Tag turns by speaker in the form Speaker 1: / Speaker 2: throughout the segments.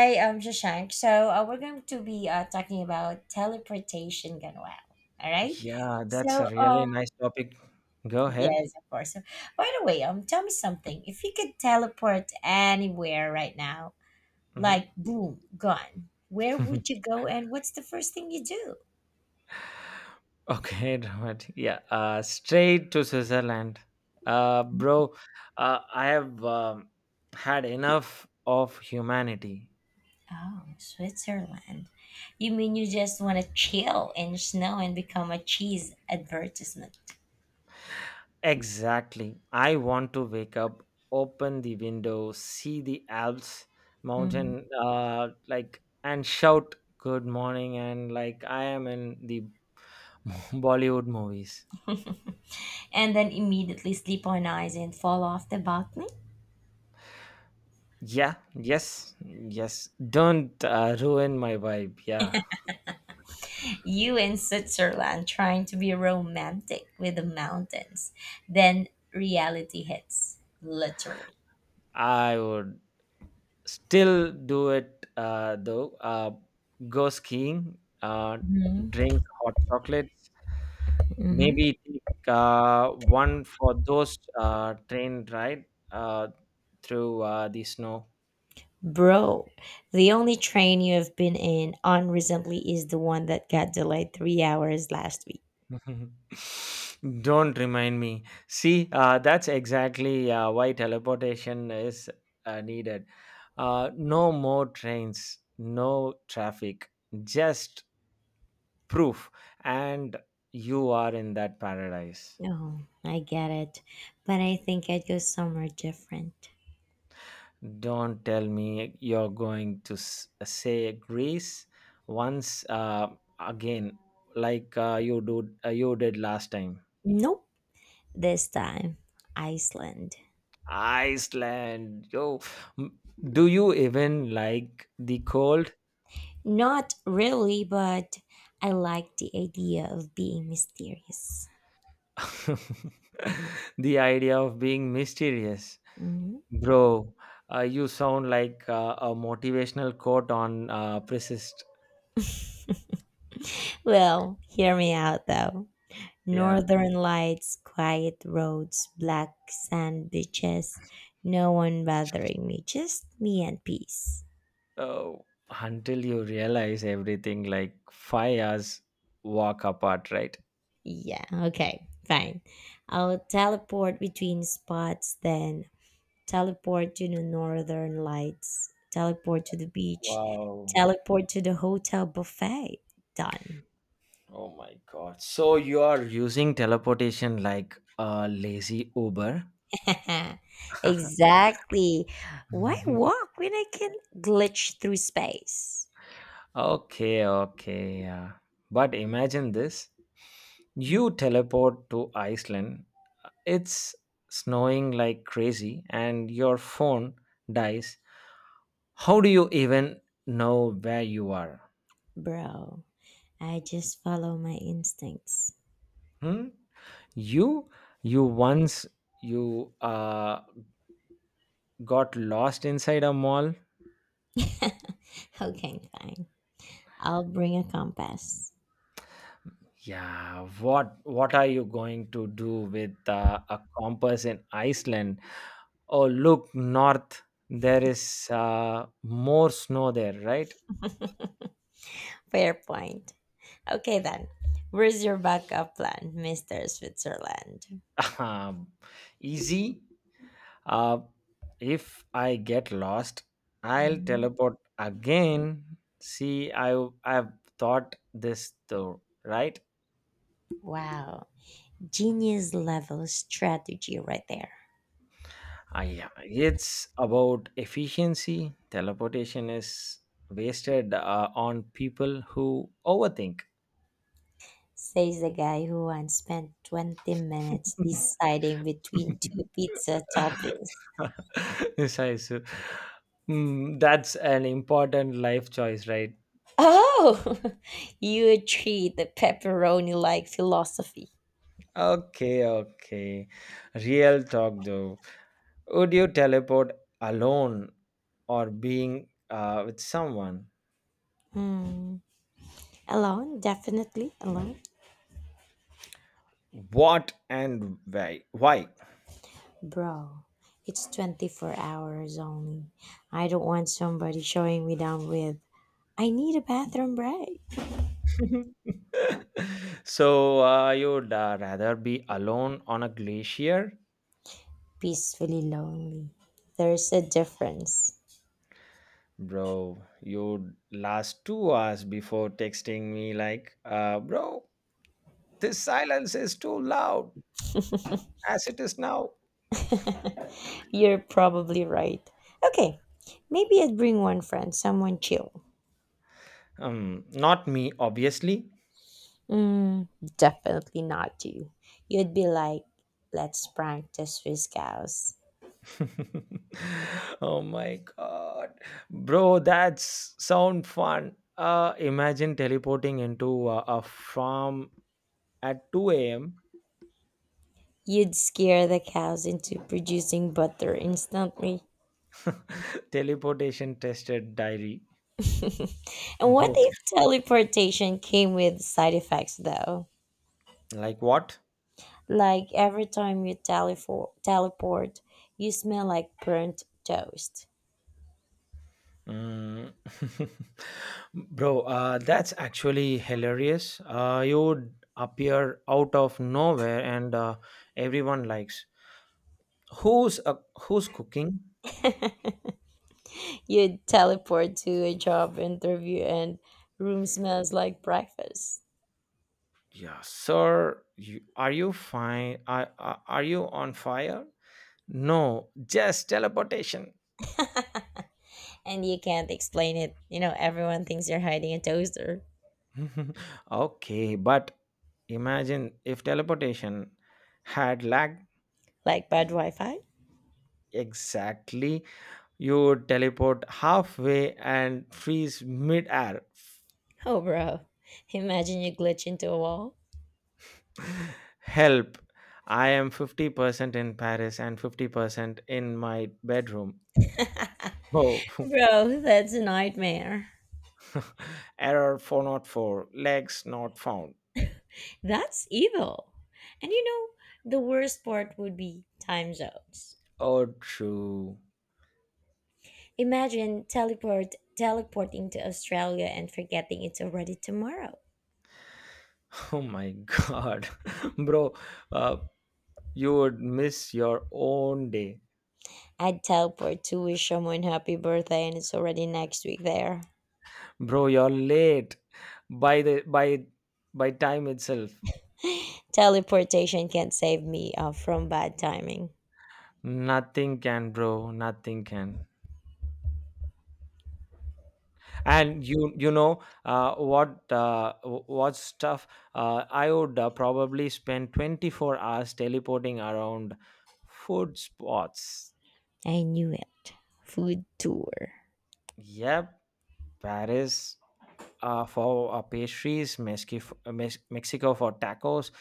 Speaker 1: Hey, I'm Shashank. So we're going to be talking about teleportation gone well. All right.
Speaker 2: Yeah, that's
Speaker 1: So
Speaker 2: a really
Speaker 1: um,
Speaker 2: nice topic. Go ahead.
Speaker 1: yes, of course. So, by the way, tell me something. If you could teleport anywhere right now,
Speaker 2: Mhm.
Speaker 1: like boom, gone, where would you go, and what's the first thing you do?
Speaker 2: Okay, dramatic. Yeah, straight to Switzerland. Bro, I have had enough of humanity.
Speaker 1: Oh, Switzerland. You mean you just want to chill in snow and become a cheese advertisement?
Speaker 2: Exactly. I want to wake up, open the window, see the Alps
Speaker 1: Mhm.
Speaker 2: mountain, and shout good morning, and like I am in the Bollywood movies.
Speaker 1: And then immediately sleep on ice and fall off the balcony?
Speaker 2: Yeah, yes, yes. Don't ruin my vibe. Yeah,
Speaker 1: You in Switzerland trying to be romantic with the mountains. Then reality hits, literally.
Speaker 2: I would still do it though. Go skiing,
Speaker 1: Hmm.
Speaker 2: drink hot chocolate,
Speaker 1: Hmm.
Speaker 2: maybe take one for those train ride through the snow.
Speaker 1: Bro, the only train you have been in on recently is the one that got delayed 3 hours last week.
Speaker 2: Don't remind me. See, that's exactly why teleportation is needed. No more trains, no traffic, just proof, and you are in that paradise.
Speaker 1: Oh, I get it. But I think I'd go somewhere different.
Speaker 2: Don't tell me you're going to say Greece once again, like you did last time.
Speaker 1: Nope, this time, Iceland.
Speaker 2: Iceland, yo, M- do you even like the cold?
Speaker 1: Not really, but I like the idea of being mysterious.
Speaker 2: The idea of being mysterious,
Speaker 1: Mhm.
Speaker 2: bro. You sound like a motivational quote on persist.
Speaker 1: Well, hear me out though.
Speaker 2: Yeah.
Speaker 1: Northern lights, quiet roads, black sand beaches, no one bothering me, just me and peace.
Speaker 2: Oh, until you realize everything like 5 hours walk apart, right?
Speaker 1: Yeah, okay, fine. I'll teleport between spots then, teleport to the northern lights, teleport to the beach,
Speaker 2: Wow.
Speaker 1: teleport to the hotel buffet. Done.
Speaker 2: Oh my God. So you are using teleportation like a lazy Uber?
Speaker 1: Exactly. Why walk when I can glitch through space?
Speaker 2: Okay, okay, yeah. But imagine this. You teleport to Iceland. It's snowing like crazy and your phone dies. How do you even know where you are?
Speaker 1: Bro, I just follow my instincts.
Speaker 2: Hmm? You you once you got lost inside a mall.
Speaker 1: Okay, fine. I'll bring a compass.
Speaker 2: Yeah, what are you going to do with a compass in Iceland? Oh, look north. There is more snow there, right?
Speaker 1: Fair point. Okay, then. Where's your backup plan, Mr. Switzerland?
Speaker 2: Um, Easy. Uh, if I get lost, I'll
Speaker 1: Mhm.
Speaker 2: teleport again. See, I've thought this through, right?
Speaker 1: Wow. Genius level strategy right there.
Speaker 2: Ah, yeah, it's about efficiency. Teleportation is wasted on people who overthink.
Speaker 1: Says the guy who once spent 20 minutes deciding between two pizza toppings.
Speaker 2: Decisive. Mm, that's an important life choice, right?
Speaker 1: Oh! You treat the pepperoni like philosophy.
Speaker 2: Okay, okay. Real talk though. Would you teleport alone or being with someone?
Speaker 1: Hmm. Alone, definitely alone.
Speaker 2: What and why? Why?
Speaker 1: Bro, it's 24 hours only. I don't want somebody showing me down with, I need a bathroom break.
Speaker 2: So you'd rather be alone on a glacier.
Speaker 1: Peacefully lonely. There's a difference.
Speaker 2: Bro, you'd last 2 hours before texting me like bro, this silence is too loud as it is now.
Speaker 1: You're probably right. Okay, maybe I'd bring one friend, someone chill.
Speaker 2: Not me obviously.
Speaker 1: Mm, definitely not you. You'd be like, let's prank the Swiss cows.
Speaker 2: Oh my god, bro, that's sound fun. Imagine teleporting into a farm at 2 a.m.
Speaker 1: You'd scare the cows into producing butter instantly.
Speaker 2: Teleportation tested diary.
Speaker 1: And what
Speaker 2: Both.
Speaker 1: if teleportation came with side effects though?
Speaker 2: Like what?
Speaker 1: Like every time you teleport, you smell like burnt toast.
Speaker 2: Mm. Bro, that's actually hilarious. You appear out of nowhere and everyone likes. Who's uh, who's cooking?
Speaker 1: You teleport to a job interview and room smells like breakfast.
Speaker 2: Yeah, sir. You, are you fine? Are you on fire? No, just teleportation.
Speaker 1: And you can't explain it. You know, everyone thinks you're hiding a toaster.
Speaker 2: Okay, but imagine if teleportation had lag.
Speaker 1: Like bad Wi-Fi?
Speaker 2: Exactly, you would teleport halfway and freeze mid-air.
Speaker 1: Oh bro. Imagine you glitch into a wall.
Speaker 2: Help! I am 50% in Paris and 50% in my bedroom. Oh,
Speaker 1: Bro, that's a nightmare.
Speaker 2: error 404, legs not found.
Speaker 1: That's evil. And you know, the worst part would be time zones.
Speaker 2: Oh, true.
Speaker 1: Imagine teleporting to Australia and forgetting it's already tomorrow.
Speaker 2: Oh my god. Bro, uh, you would miss your own day.
Speaker 1: I'd teleport to wish someone happy birthday and it's already next week there.
Speaker 2: Bro, you're late by the by time itself.
Speaker 1: Teleportation can not save me from bad timing.
Speaker 2: Nothing can, bro. Nothing can. And you know what w- what stuff I would probably spend 24 hours teleporting around food spots.
Speaker 1: I knew it. Food tour.
Speaker 2: Yep. Paris for pastries, mexico for tacos,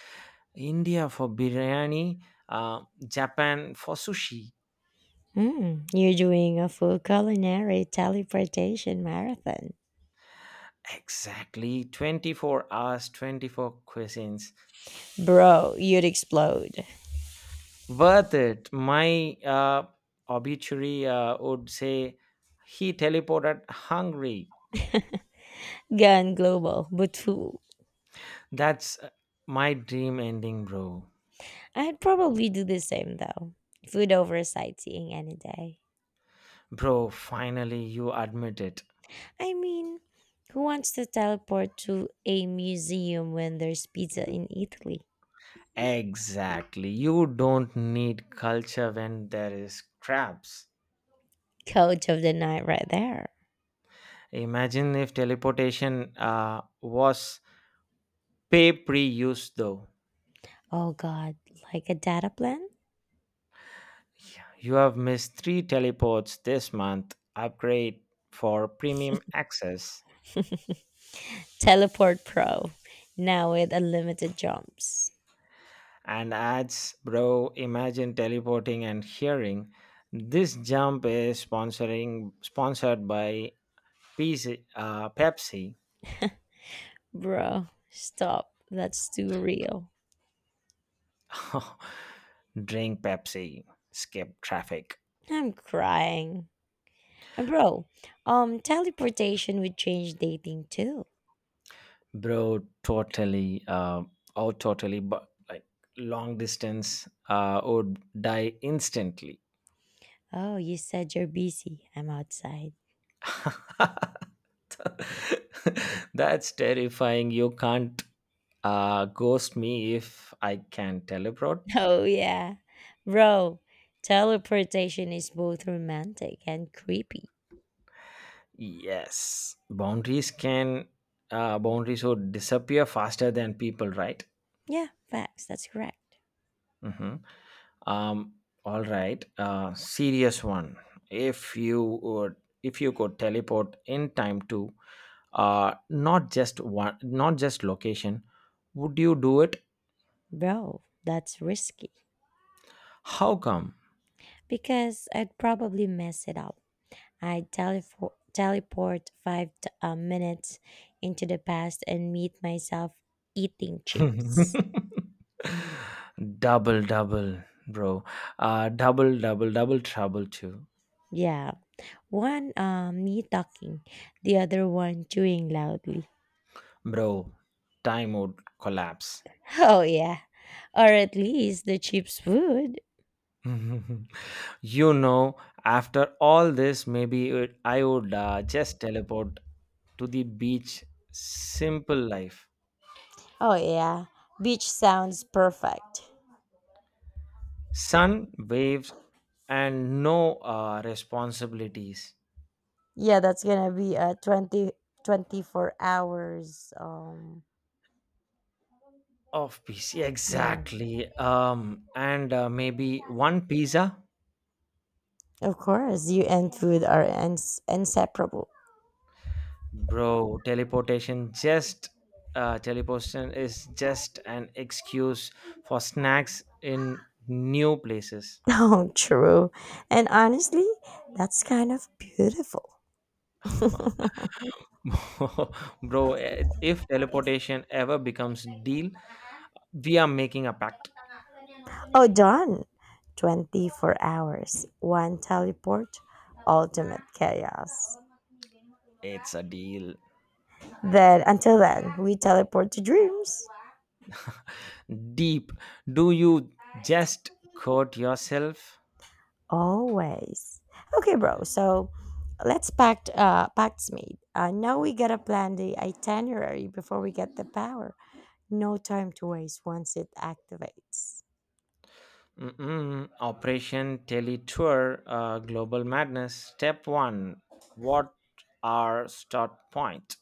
Speaker 2: india for biryani, uh, japan for sushi.
Speaker 1: Mm, you're doing a full culinary teleportation marathon.
Speaker 2: Exactly, 24 hours, 24 cuisines.
Speaker 1: Bro, you'd explode.
Speaker 2: Worth it. My obituary would say he teleported hungry.
Speaker 1: Gone global, but full.
Speaker 2: That's my dream ending, bro.
Speaker 1: I'd probably do the same though. Food over sightseeing any day.
Speaker 2: Bro, finally you admit it.
Speaker 1: I mean, who wants to teleport to a museum when there's pizza in Italy?
Speaker 2: Exactly. You don't need culture when there is crabs.
Speaker 1: Coach of the night right there.
Speaker 2: Imagine if teleportation was pay pre use, though.
Speaker 1: Oh god, like a data plan?
Speaker 2: Yeah, you have missed three teleports this month. Upgrade for premium access.
Speaker 1: Teleport Pro. Now with unlimited jumps.
Speaker 2: And adds, bro, imagine teleporting and hearing, this jump is sponsoring sponsored by PC, Pepsi.
Speaker 1: Bro, stop. That's too real.
Speaker 2: Drink Pepsi, skip traffic.
Speaker 1: I'm crying. And bro, teleportation would change dating too.
Speaker 2: Bro, totally, but like long distance would die instantly.
Speaker 1: Oh, you said you're busy. I'm outside.
Speaker 2: That's terrifying. You can't ghost me if I can teleport.
Speaker 1: Oh, yeah. Bro, teleportation is both romantic and creepy.
Speaker 2: Yes, boundaries would disappear faster than people, right?
Speaker 1: Yeah, facts. That's correct.
Speaker 2: Hmm. Um, all right, serious one. If you would, if you could teleport in time to, not just one, not just location, would you do it?
Speaker 1: Bro, that's risky.
Speaker 2: How come?
Speaker 1: Because I'd probably mess it up. I'd teleport five minutes into the past and meet myself eating chips.
Speaker 2: double, double, bro. Double trouble too,
Speaker 1: Yeah. One me talking, the other one chewing loudly.
Speaker 2: bro. Time would collapse.
Speaker 1: Oh yeah. Or at least the chips would.
Speaker 2: You know, after all this, maybe I would just teleport to the beach. Simple life,
Speaker 1: Oh yeah, beach sounds perfect.
Speaker 2: sun, waves, and no responsibilities.
Speaker 1: Yeah, that's gonna be a twenty twenty four hours.
Speaker 2: Of peace,
Speaker 1: Yeah,
Speaker 2: exactly. And maybe one pizza,
Speaker 1: of course, you and food are inseparable.
Speaker 2: bro. Teleportation is just an excuse for snacks in new places.
Speaker 1: Oh, true. And honestly, that's kind of beautiful.
Speaker 2: Bro, if teleportation ever becomes deal, we are making a pact.
Speaker 1: Oh, done. 24 hours, one teleport, ultimate chaos.
Speaker 2: It's a deal.
Speaker 1: Then, until then, we teleport to dreams.
Speaker 2: Deep. Do you just quote yourself?
Speaker 1: Always. Okay, bro. So let's pact packsmith. I know we gotta plan the itinerary before we get the power. No time to waste once it activates.
Speaker 2: Mm-mm. Operation Teletour, Global Madness. Step one. What are start point?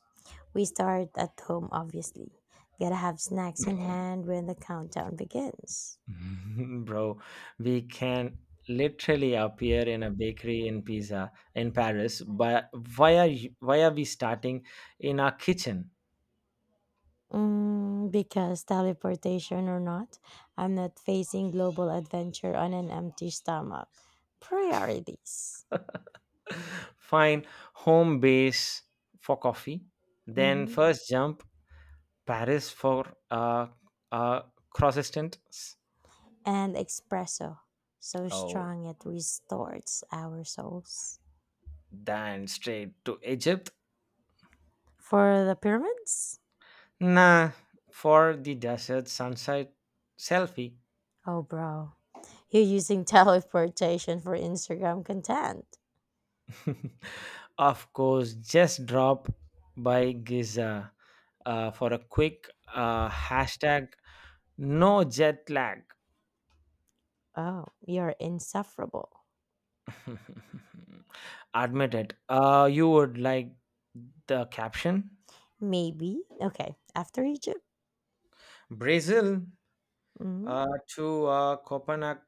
Speaker 1: We start at home obviously. Gotta have snacks in hand when the countdown begins.
Speaker 2: Bro, we can literally appear in a bakery in Pisa in Paris, but why are we starting in our kitchen?
Speaker 1: Mm, because teleportation or not, I'm not facing global adventure on an empty stomach. Priorities.
Speaker 2: Fine, home base for coffee, then
Speaker 1: Mhm.
Speaker 2: first jump, Paris for uh, croissants.
Speaker 1: And espresso, so
Speaker 2: Oh,
Speaker 1: strong it restores our souls.
Speaker 2: then straight to Egypt.
Speaker 1: For the pyramids?
Speaker 2: Nah, for the desert sunset selfie.
Speaker 1: Oh, bro. You're using teleportation for Instagram content.
Speaker 2: Of course, just drop by Giza for a quick hashtag no jet lag.
Speaker 1: Oh, you're insufferable.
Speaker 2: Admit it. You would like the caption?
Speaker 1: Maybe. Okay, after Egypt,
Speaker 2: Brazil
Speaker 1: mhm,
Speaker 2: uh, to Copenhagen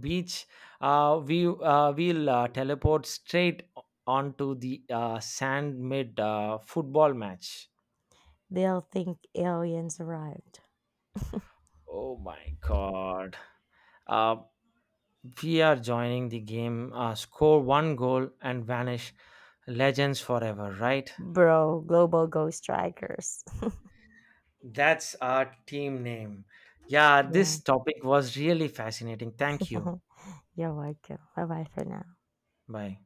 Speaker 2: beach. We will teleport straight onto the sand mid football match.
Speaker 1: they'll think aliens arrived.
Speaker 2: Oh my god. Uh, we are joining the game, score one goal and vanish legends forever, right?
Speaker 1: Bro, global ghost strikers.
Speaker 2: That's our team name. Yeah,
Speaker 1: Yeah.
Speaker 2: this topic was really fascinating. Thank you.
Speaker 1: You're welcome. Bye bye for now.
Speaker 2: Bye.